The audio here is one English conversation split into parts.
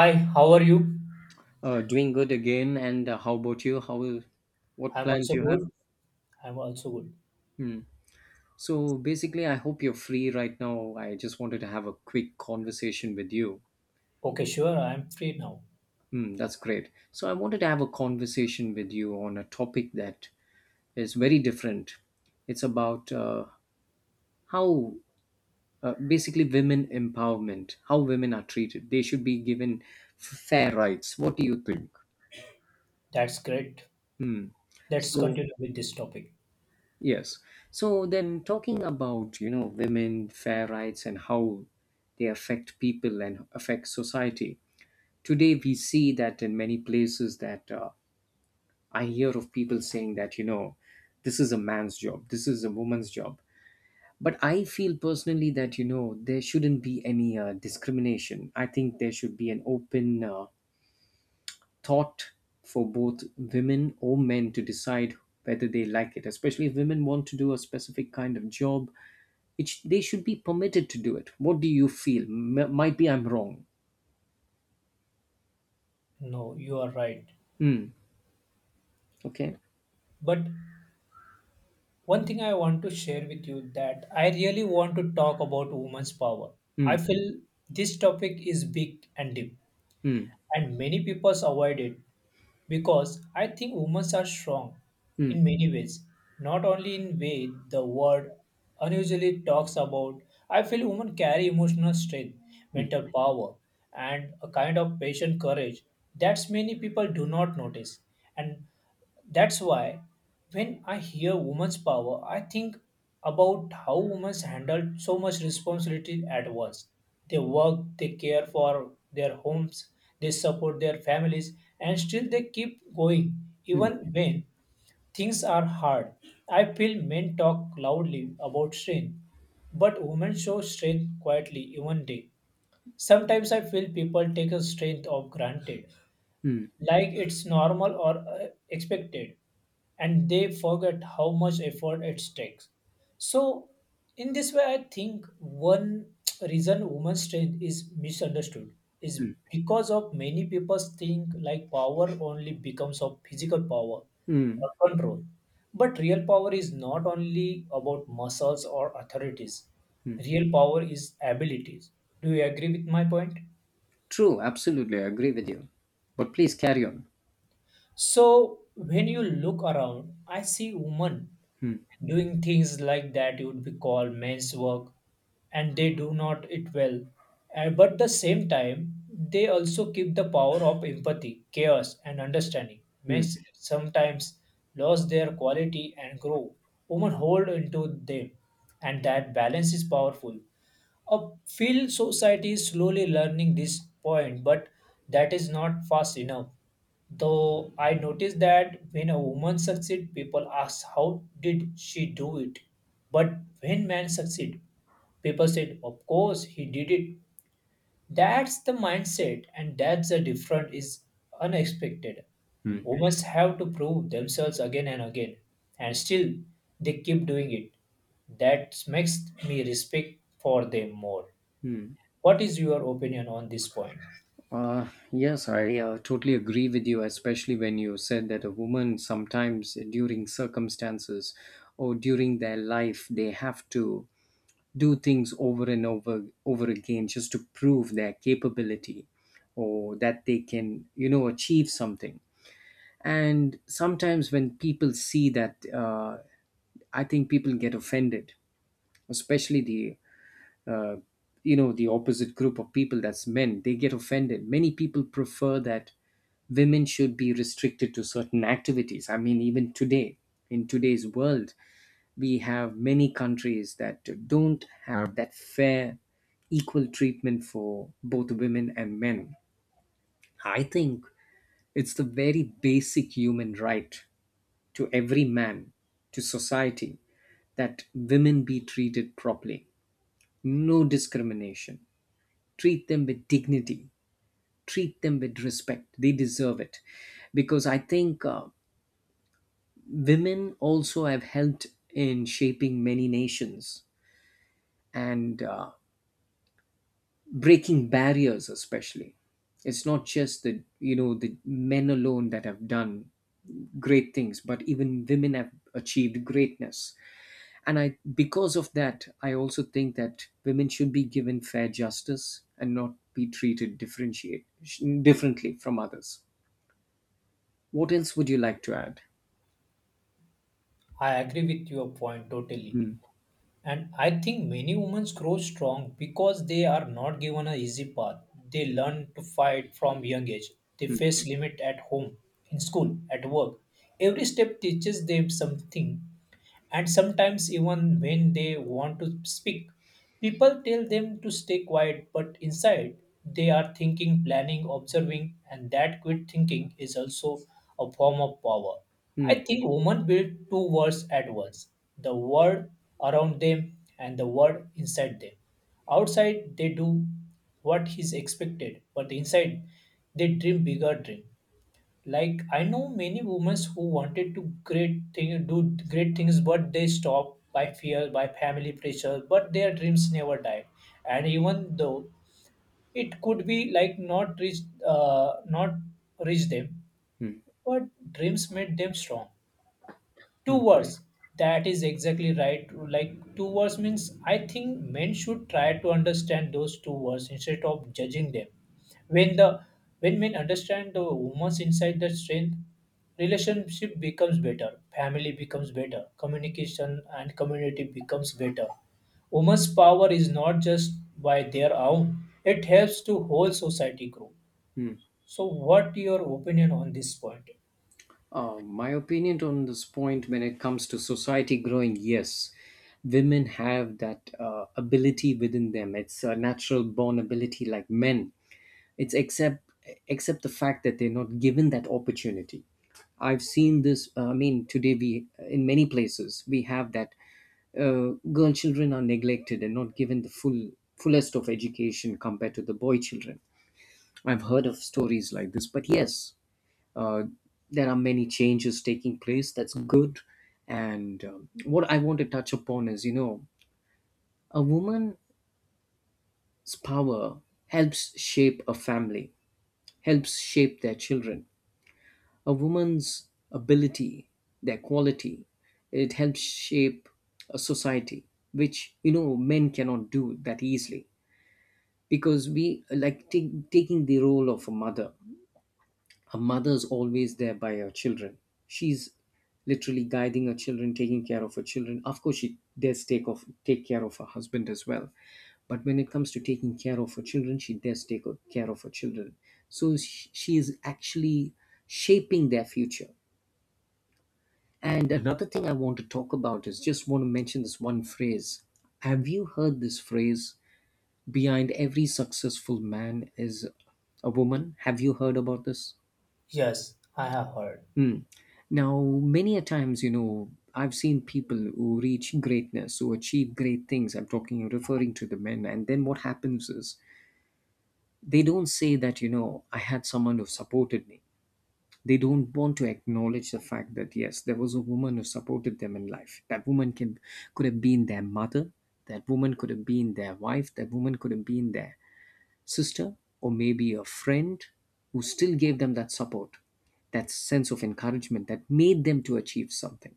Hi, how are you? Doing good again. And how about you? What I'm plans also you have? good. I'm also good. Hmm. So basically, I hope you're free right now. I just wanted to have a quick conversation with you. Okay, sure. I'm free now. Hmm, that's great. So I wanted to have a conversation with you on a topic that is very different. It's about how basically women empowerment, how women are treated. They should be given fair rights. What do you think? That's great. Hmm. Let's So continue with this topic. yes. So then talking about, you know, women, fair rights and how they affect people and affect society. Today we see that in many places that I hear of people saying that, you know, this is a man's job, this is a woman's job. But I feel personally that, you know, there shouldn't be any discrimination. I think there should be an open thought for both women or men to decide whether they like it, especially if women want to do a specific kind of job. They should be permitted to do it. What do you feel? Might be I'm wrong. No, you are right. Hmm. Okay. But one thing I want to share with you that I really want to talk about women's power. Hmm. I feel this topic is big and deep, Hmm. and many people avoid it because I think women are strong Hmm. in many ways, not only in way the word unusually talks about. I feel women carry emotional strength, mental power, and a kind of patient courage that many people do not notice. And that's why when I hear women's power, I think about how women handle so much responsibility at once. They work, they care for their homes, they support their families, and still they keep going Hmm. even when things are hard. I feel men talk loudly about strength, but women show strength quietly even day. Sometimes I feel people take a strength of granted Hmm. like it's normal or expected, and they forget how much effort it takes. So in this way I think one reason women's strength is misunderstood is because of many people think like power only becomes of physical power Hmm. or control, but real power is not only about muscles or authorities. Hmm. Real power is abilities. Do you agree with my point? True. Absolutely. I agree with you. But please carry on. So when you look around, I see women Hmm. doing things like that you would be called men's work, and they do not it well. But the same time, they also keep the power of empathy, chaos, and understanding. Men Hmm. sometimes lose their quality and grow. Women hold into them, and that balance is powerful. A field society is slowly learning this point, but that is not fast enough. Though I noticed that when a woman succeeds, people ask how did she do it. But when men succeed, people said, of course he did it. That's the mindset, and that's the difference is unexpected. Hmm. Women have to prove themselves again and again, and still they keep doing it. That makes me respect for them more. Hmm. What is your opinion on this point? Yes, I totally agree with you, especially when you said that a woman sometimes during circumstances or during their life they have to do things over and over over again just to prove their capability, or that they can, you know, achieve something. And sometimes when people see that, I think people get offended, especially the uh, you know, the opposite group of people, that's men, they get offended. Many people prefer that women should be restricted to certain activities. I mean, even today, in today's world, we have many countries that don't have that fair, equal treatment for both women and men. I think it's the very basic human right to every man, to society, that women be treated properly. No discrimination. Treat them with dignity. Treat them with respect. They deserve it. Because I think women also have helped in shaping many nations. And breaking barriers, especially it's not just the, you know, the men alone that have done great things, but even women have achieved greatness. And I, because of that, I also think that women should be given fair justice and not be treated differentiate differently from others. What else would you like to add? I agree with your point totally. Hmm, And I think many women grow strong because they are not given an easy path. They learn to fight from young age. They hmm, face limit at home, in school, at work. Every step teaches them something, and sometimes even when they want to speak, people tell them to stay quiet, but inside they are thinking, planning, observing, and that quick thinking is also a form of power. I hmm, think women build two worlds at once: the world around them and the world inside them. Outside they do what is expected, but inside they dream bigger dreams. Like I know many women who wanted to great thing, do great things, but they stopped by fear, by family pressure. But their dreams never died, and even though it could be like not reach, not reach them, hmm, but dreams made them strong. hmm, Two words. That is exactly right. Like two words means I think men should try to understand those two words instead of judging them. When the when men understand the woman's inside their strength, relationship becomes better, family becomes better, communication and community becomes better. Women's power is not just by their own, it helps to whole society grow. hmm. So what your opinion on this point? My opinion on this point, when it comes to society growing, yes, women have that ability within them. It's a natural born ability like men. It's except the fact that they're not given that opportunity. I've seen this. I mean, today we, in many places we have that girl children are neglected and not given the fullest of education compared to the boy children. I've heard of stories like this, but yes, uh, there are many changes taking place, that's good. And what I want to touch upon is, you know, a woman's power helps shape a family, helps shape their children. A woman's ability, their quality, it helps shape a society, which, you know, men cannot do that easily because we like taking the role of a mother. A mother's always there by her children. She's literally guiding her children, taking care of her children. Of course, she does take care of her husband as well, but when it comes to taking care of her children, she does take care of her children. So she is actually shaping their future. And another thing I want to talk about is just want to mention this one phrase. Have you heard this phrase? Behind every successful man is a woman. Have you heard about this? Yes, I have heard. Mm. Now, many a times, you know, I've seen people who reach greatness, who achieve great things. I'm talking, referring to the men. And then what happens is they don't say that, you know, I had someone who supported me. They don't want to acknowledge the fact that, yes, there was a woman who supported them in life. That woman could have been their mother. That woman could have been their wife. That woman could have been their sister, or maybe a friend who still gave them that support, that sense of encouragement that made them to achieve something.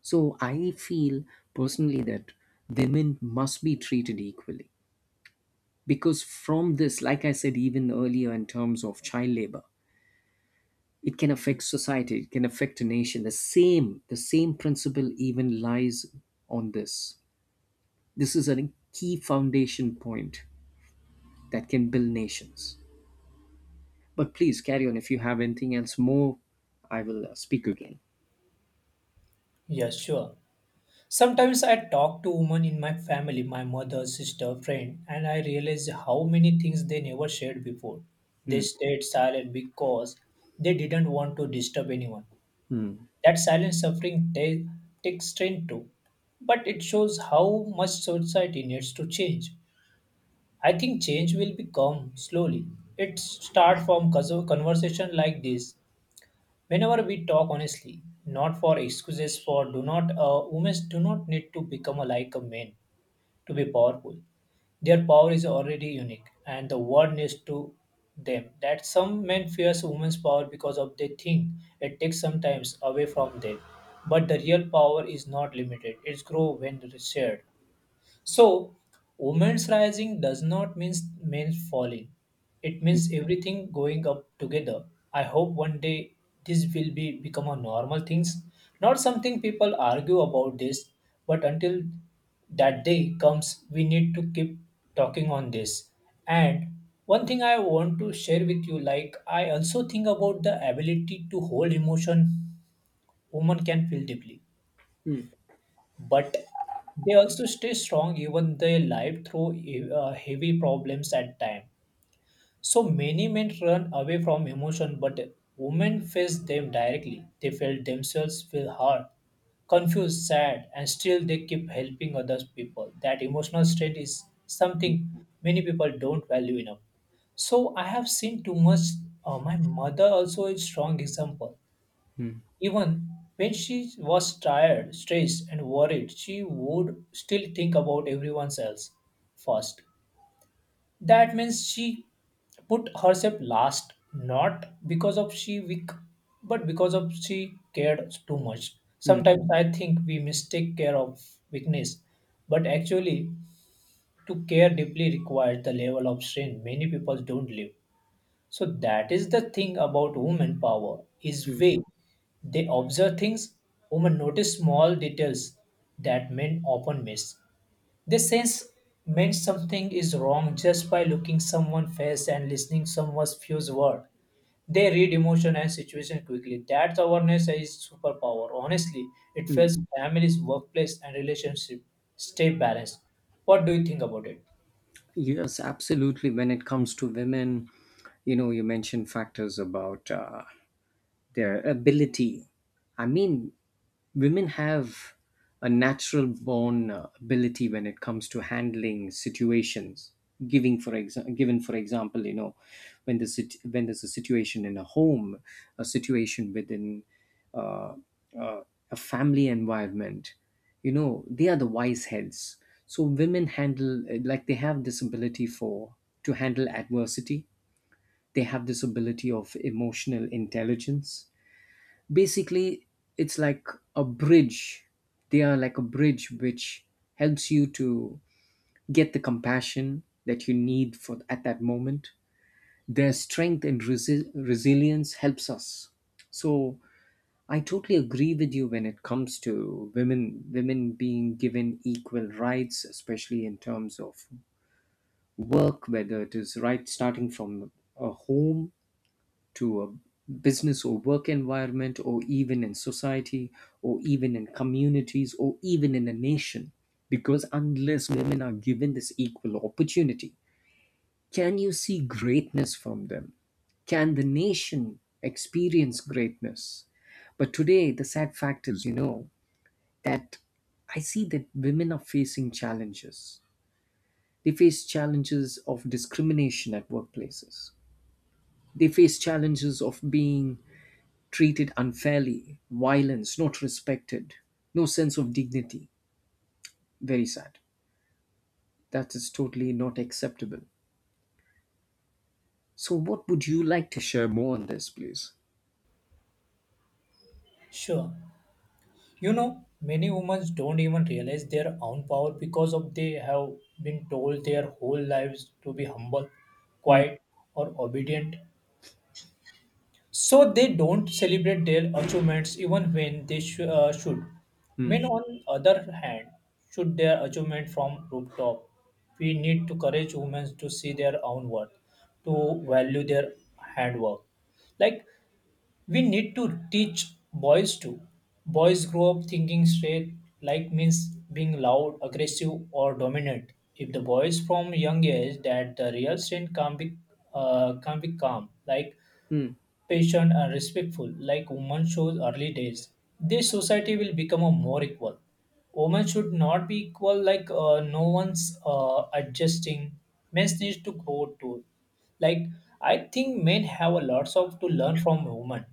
So I feel personally that women must be treated equally because from this, like I said even earlier in terms of child labor, it can affect society, it can affect a nation. The same principle even lies on this. This is a key foundation point that can build nations. But please carry on if you have anything else more, I will speak again. Yes, sure. Sometimes I talk to women in my family, my mother, sister, friend, and I realize how many things they never shared before. They Mm, stayed silent because they didn't want to disturb anyone. That silent suffering takes strength too, but it shows how much society needs to change. I think change will become slowly. It starts from conversation like this. Whenever we talk honestly, not for excuses for do not women do not need to become a, like a man to be powerful. Their power is already unique, and the world needs to them. That some men fears women's power because of they think it takes sometimes away from them. But the real power is not limited; it's grow when shared. So, women's rising does not mean men falling. It mm, means everything going up together. I hope one day this will be become a normal things, not something people argue about this. But until that day comes, we need to keep talking on this. And one thing I want to share with you, like I also think about the ability to hold emotion. Women can feel deeply, mm, but they also stay strong even they live through heavy problems at time. So many men run away from emotion, but women face them directly. They feel themselves feel hurt, confused, sad, and still they keep helping other people. That emotional state is something many people don't value enough. So I have seen too much. My mother also is strong example. Even when she was tired, stressed, and worried, she would still think about everyone else first. That means she put herself last, not because of she weak, but because of she cared too much. mm. Sometimes I think we mistake care of weakness, but actually, to care deeply requires the level of strength many people don't live. So that is the thing about women power is way they observe things, women notice small details that men often miss. They sense when something is wrong just by looking someone face and listening someone's few word. They read emotion and situation quickly. That awareness is superpower. Honestly, it helps families, workplace, and relationship stay balanced. What do you think about it? Yes, absolutely. When it comes to women, you know, you mentioned factors about their ability. I mean, women have a natural born ability when it comes to handling situations. Given for example, you know, when there's a situation in a home, a situation within uh, uh, a family environment, you know, they are the wise heads. So women handle, like they have this ability for to handle adversity. They have this ability of emotional intelligence. Basically it's like a bridge, they are like a bridge which helps you to get the compassion that you need for at that moment. Their strength and resilience helps us. So I totally agree with you when it comes to women being given equal rights, especially in terms of work, whether it is right, starting from a home to a business or work environment, or even in society, or even in communities, or even in a nation, because unless women are given this equal opportunity, can you see greatness from them? Can the nation experience greatness? But today the sad fact is, you know, that I see that women are facing challenges. They face challenges of discrimination at workplaces. They face challenges of being treated unfairly, violence, not respected, no sense of dignity. Very sad. That is totally not acceptable. So, what would you like to share more on this, please? Sure. You know, many women don't even realize their own power because of they have been told their whole lives to be humble, Mm, quiet, or obedient. So they don't celebrate their achievements even when they should. mm, Men, on other hand, should their achievement from rooftop. We need to encourage women to see their own worth, to value their handwork. Like we need to teach boys to boys grow up thinking straight like means being loud, aggressive, or dominant. If the boys from young age that the real strength can be calm, like mm, patient and respectful like women shows early days, this society will become a more equal. Women should not be equal like no one's adjusting. Men need to grow too. Like I think men have a lots of to learn from women.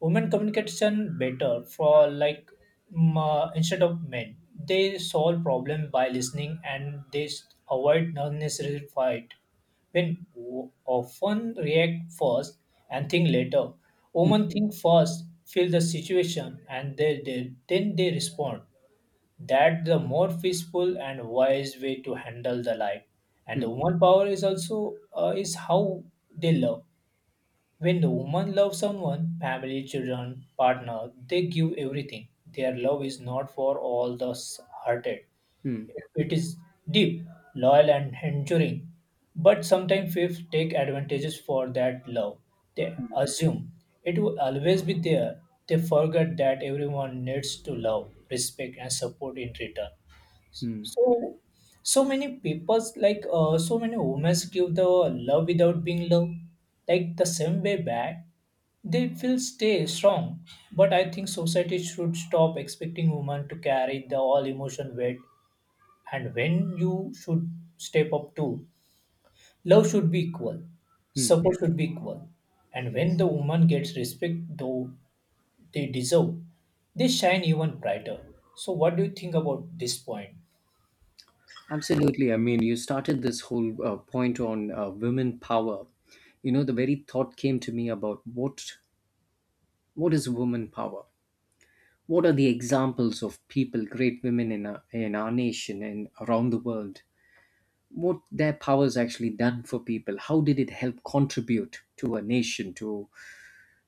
Women communication better for like instead of men, they solve problem by listening and they avoid unnecessary fight. When often react first and think later, mm, women think first, feel the situation, and they then they respond. That the more peaceful and wise way to handle the life. And the mm, woman power is also is how they love. When the woman loves someone, family, children, partner, they give everything. Their love is not for all the hearted. mm, It is deep, loyal, and enduring. But sometimes faith take advantages for that love. They assume it will always be there. They forget that everyone needs to love, respect, and support in return. mm. So, so many people's like so many women give the love without being loved, like the same way back. They will stay strong, but I think society should stop expecting women to carry the all emotion weight. And when you should step up too, love should be equal, support should be equal, and when the woman gets respect, though they deserve, they shine even brighter. So, what do you think about this point? Absolutely. I mean, you started this whole point on women power. You know, the very thought came to me about what is women power? What are the examples of people, great women in in our nation and around the world, what their powers actually done for people, how did it help contribute to a nation,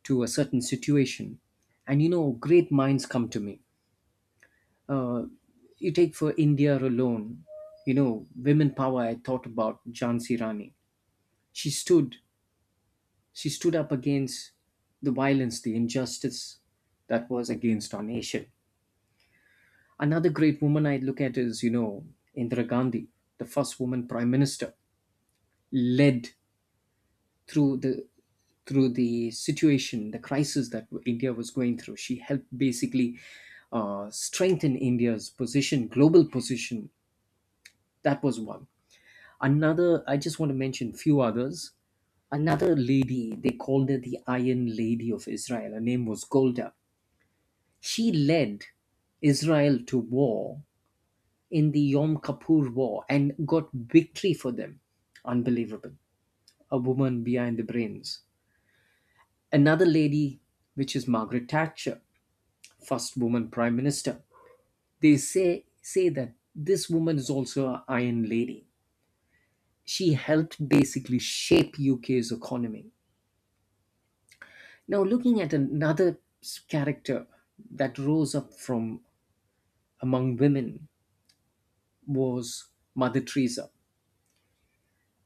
to a certain situation? And you know, great minds come to me. uh, you take for India alone, you know, women power, I thought about Jhansi Rani. she stood she stood up against the violence, the injustice that was against our nation. Another great woman I look at is, you know, Indira Gandhi, the first woman prime minister, led through the through the situation, the crisis that India was going through. She helped basically strengthen India's position, global position. That was one. Another, I just want to mention few others. Another lady, they called her the Iron Lady of Israel. Her name was Golda. She led Israel to war in the Yom Kippur War and got victory for them. Unbelievable. A woman behind the brains. Another lady, which is Margaret Thatcher, first woman prime minister. They say that this woman is also an iron lady. She helped basically shape UK's economy. Now, looking at another character that rose up from among women was Mother Teresa.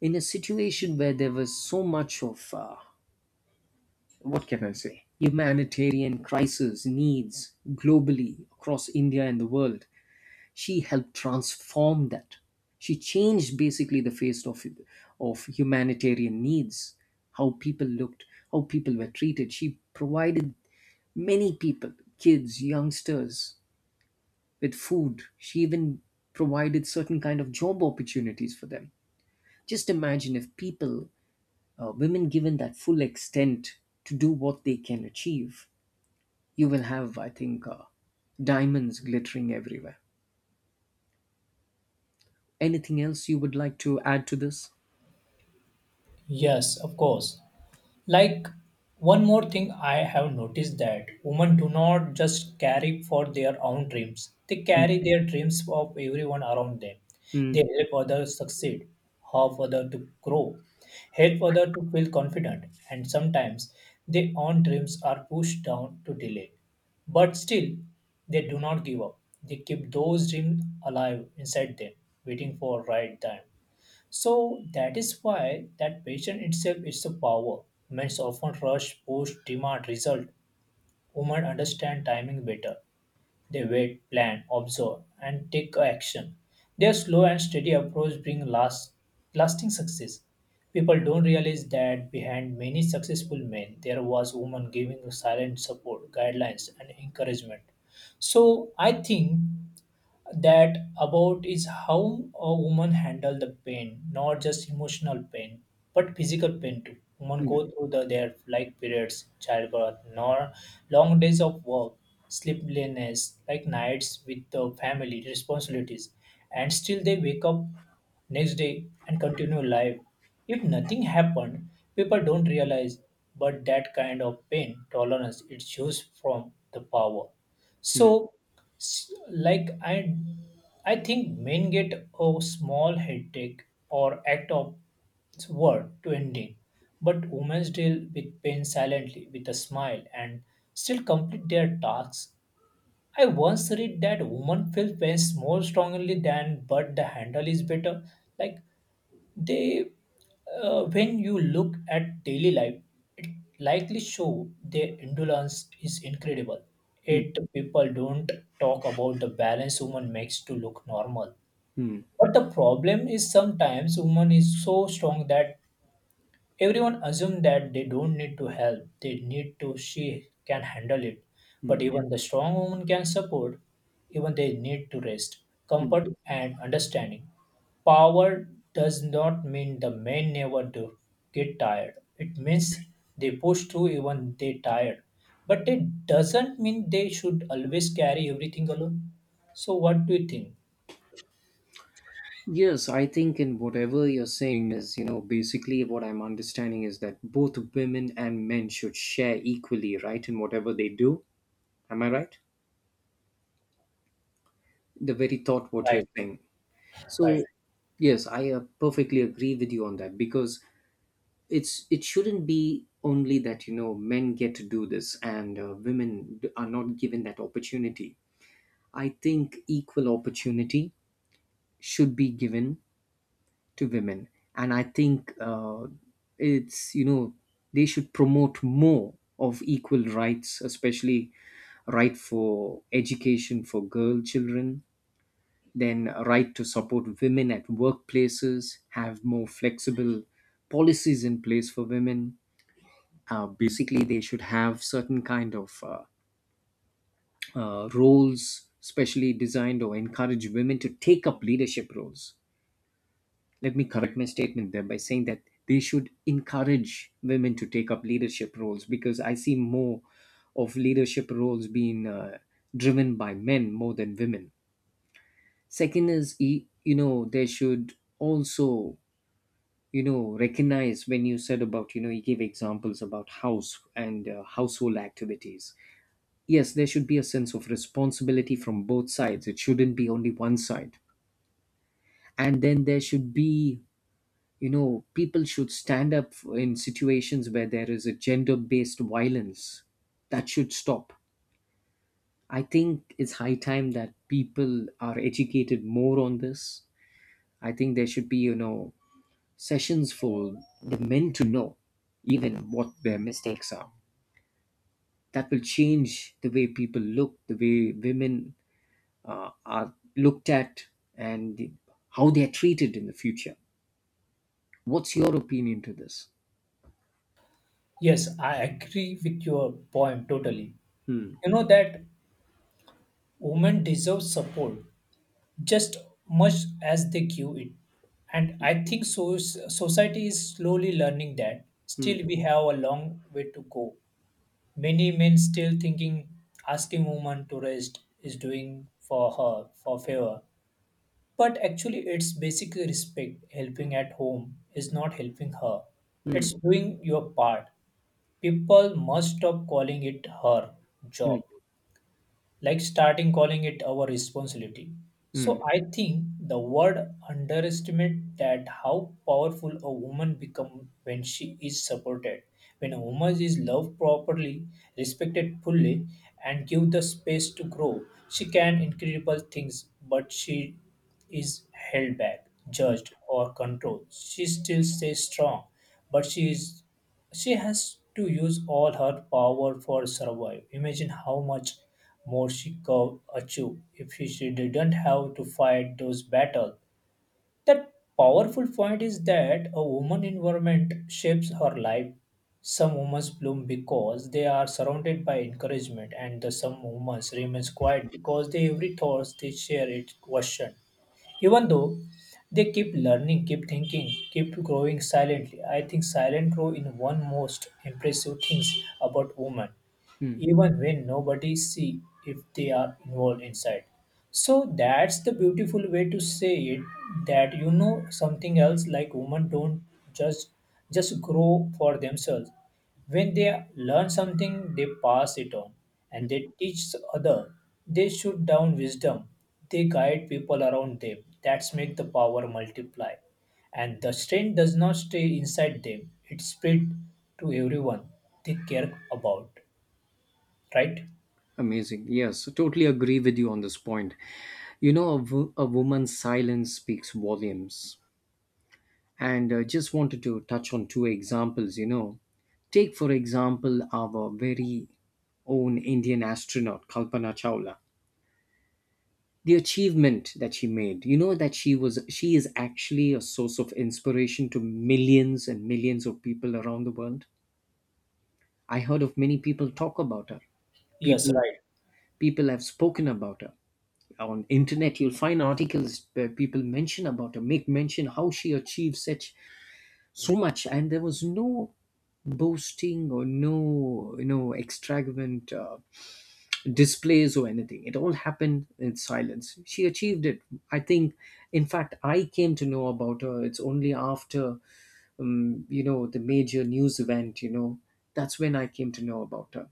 In a situation where there was so much of what can I say, humanitarian crisis needs globally across India and the world, she helped transform that. She changed basically the face of humanitarian needs, how people looked, how people were treated. She provided many people, kids, youngsters, with food. She even provided certain kind of job opportunities for them. Just imagine if women given that full extent to do what they can achieve, you will have, I think, diamonds glittering everywhere. Anything else you would like to add to this? Yes, of course. Like one more thing I have noticed that women do not just carry for their own dreams. They carry their dreams of everyone around them. They Mm, help others succeed, help others to grow, help others to feel confident, and sometimes their own dreams are pushed down to delay. But still, they do not give up. They keep those dreams alive inside them, waiting for right time. So that is why that patient itself is the power. Men often rush, push, demand result. Women understand timing better. They wait, plan, observe, and take action. Their slow and steady approach bring lasting success. People don't realize that behind many successful men, there was women giving silent support, guidelines, and encouragement. So I think that about is how a woman handle the pain, not just emotional pain, but physical pain too. Women mm, go through their like periods, childbirth, nor long days of work, sleeplessness, like nights with the family responsibilities, and still they wake up next day and continue life. If nothing happened, people don't realize, but that kind of pain tolerance it shows from the power. mm, So, s- like I, I think men get a small headache or act of word to ending, but women deal with pain silently with a smile and still complete their tasks. I once read that women feel pain more strongly than, but the handle is better. Like they, when you look at daily life, it likely show their indolence is incredible. mm, It people don't talk about the balance woman makes to look normal. mm, But the problem is sometimes woman is so strong that everyone assumes that they don't need to help, they need to, she can handle it. But mm, even the strong woman can support, even they need to rest, mm. comfort, and understanding. Power does not mean the men never do get tired. It means they push through even they tired. But it doesn't mean they should always carry everything alone. So what do you think? Yes, I think in whatever you're saying is, you know, basically what I'm understanding is that both women and men should share equally, right, in whatever they do. Am I right? The very thought what you're Right, saying. right. So, yes, I perfectly agree with you on that because it shouldn't be only that, you know, men get to do this and women are not given that opportunity. I think equal opportunity should be given to women, and I think it's you know they should promote more of equal rights, especially right for education for girl children, then a right to support women at workplaces, have more flexible policies in place for women. Basically, they should have certain kind of roles specially designed, or encourage women to take up leadership roles. Let me correct my statement there by saying that they should encourage women to take up leadership roles, because I see more of leadership roles being driven by men more than women. Second is, they should also, recognize when you said about, you gave examples about house and household activities. Yes, there should be a sense of responsibility from both sides. It shouldn't be only one side. And then there should be, people should stand up in situations where there is a gender based violence. That should stop. I think it's high time that people are educated more on this. I think there should be, sessions for the men to know even what their mistakes are. That will change the way people look, the way women are looked at and how they are treated in the future. What's your opinion to this? Yes, I agree with your point totally. Hmm. You know that women deserve support just much as they give it. And I think so, society is slowly learning that. Hmm. Still, we have a long way to go. Many men still thinking asking woman to rest is doing for her for favor. But actually, it's basically respect. Helping at home is not helping her. Hmm. It's doing your part. People must stop calling it her Hmm. job, like starting calling it our responsibility. Hmm. So I think the word underestimate that how powerful a woman become when she is supported. When a woman is loved properly, respected fully, and give the space to grow, she can incredible things, but she is held back, judged, or controlled. She still stays strong, but she has to use all her power for survive. Imagine how much Morshikov Achu, if she didn't have to fight those battles. That powerful point is that a woman environment shapes her life. Some women bloom because they are surrounded by encouragement, and the some women remain quiet because they every thoughts they share it question. Even though they keep learning, keep thinking, keep growing silently. I think silent grow in one most impressive things about women, Mm, even when nobody see if they are involved inside. So that's the beautiful way to say it. That, you know, something else, like women don't just just grow for themselves. When they learn something, they pass it on, and they teach other. They shoot down wisdom. They guide people around them. That's make the power multiply, and the strength does not stay inside them. It spread to everyone they care about, right? amazing. Yes, totally agree with you on this point. You know, a woman's silence speaks volumes. And just wanted to touch on two examples. You know, take for example our very own Indian astronaut Kalpana Chawla. The achievement that she made. You know that she is actually a source of inspiration to millions and millions of people around the world. I heard of many people talk about her. Yes, People right. people have spoken about her. On internet, you'll find articles where people mention about her, make mention how she achieved such so much, and there was no boasting or no, extravagant displays or anything. It all happened in silence. She achieved it. I think, in fact, I came to know about her, it's only after, the major news event, that's when I came to know about her.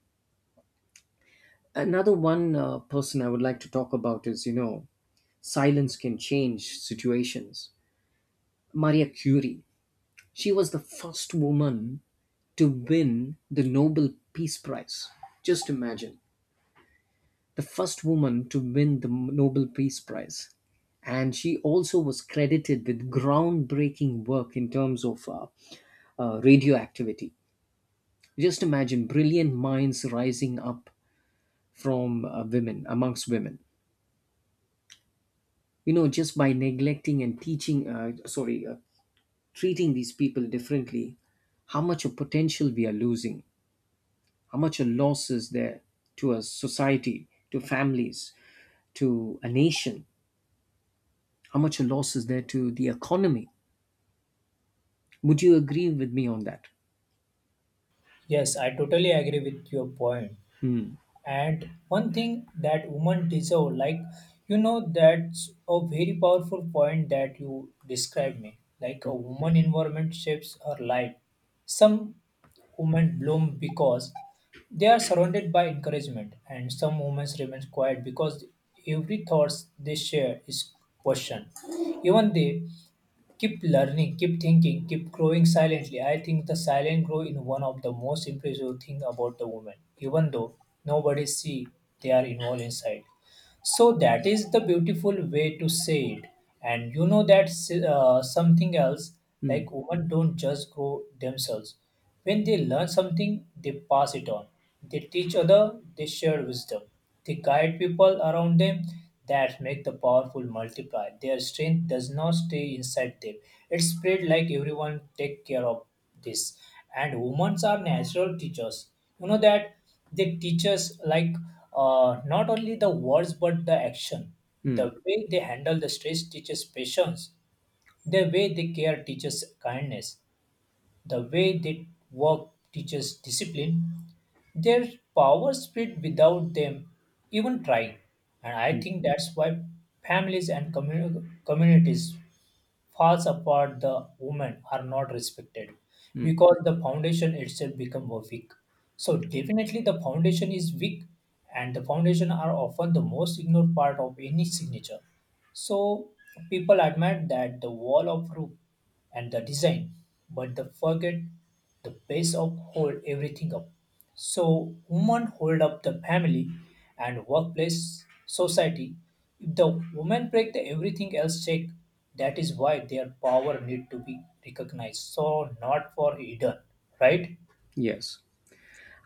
Another one person I would like to talk about is, silence can change situations. Marie Curie, she was the first woman to win the Nobel Peace Prize. Just imagine, the first woman to win the Nobel Peace Prize. And she also was credited with groundbreaking work in terms of radioactivity. Just imagine brilliant minds rising up from women, amongst women. You know, just by neglecting and teaching, sorry, treating these people differently, how much of potential we are losing, how much a loss is there to a society, to families, to a nation, how much a loss is there to the economy. Would you agree with me on that? Yes, I totally agree with your point. Hmm. And one thing that women deserve, like you know, that's a very powerful point that you described me. Like a woman environment shapes her life. Some women bloom because they are surrounded by encouragement, and some women remain quiet because every thoughts they share is questioned. Even they keep learning, keep thinking, keep growing silently. I think the silent growth is one of the most impressive thing about the woman, even though nobody see they are involved inside. So that is the beautiful way to say it. And you know that something else. Hmm. Like women don't just grow themselves. When they learn something, they pass it on. They teach other. They share wisdom. They guide people around them. That make the powerful multiply. Their strength does not stay inside them. It spread like everyone take care of this. And women are natural teachers, you know that. They teach us, like not only the words but the action. Hmm. The way they handle the stress teaches patience. The way they care teaches kindness. The way they work teaches discipline. Their power spread without them even trying. And I Hmm. think that's why families and communities falls apart, the women are not respected, Hmm. because the foundation itself become weak. So definitely the foundation is weak, and the foundation are often the most ignored part of any signature. So people admit that the wall of roof and the design, but they forget the base of hold everything up. So women hold up the family and workplace society. If the women break the everything else check, that is why their power need to be recognized. So not for hidden, right? Yes.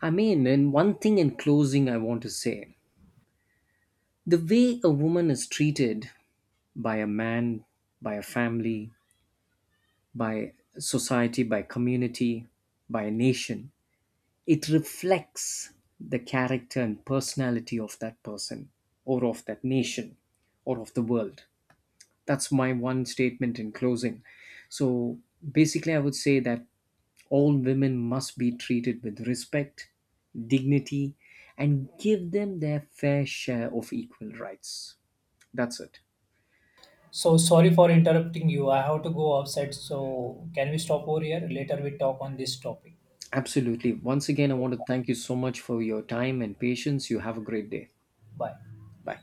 I mean, and one thing in closing, I want to say, the way a woman is treated by a man, by a family, by society, by community, by a nation, it reflects the character and personality of that person, or of that nation, or of the world. That's my one statement in closing. So basically, I would say that all women must be treated with respect, dignity, and give them their fair share of equal rights. That's it. So sorry for interrupting you. I have to go outside. So can we stop over here? Later we talk on this topic. Absolutely. Once again, I want to thank you so much for your time and patience. You have a great day. Bye. Bye.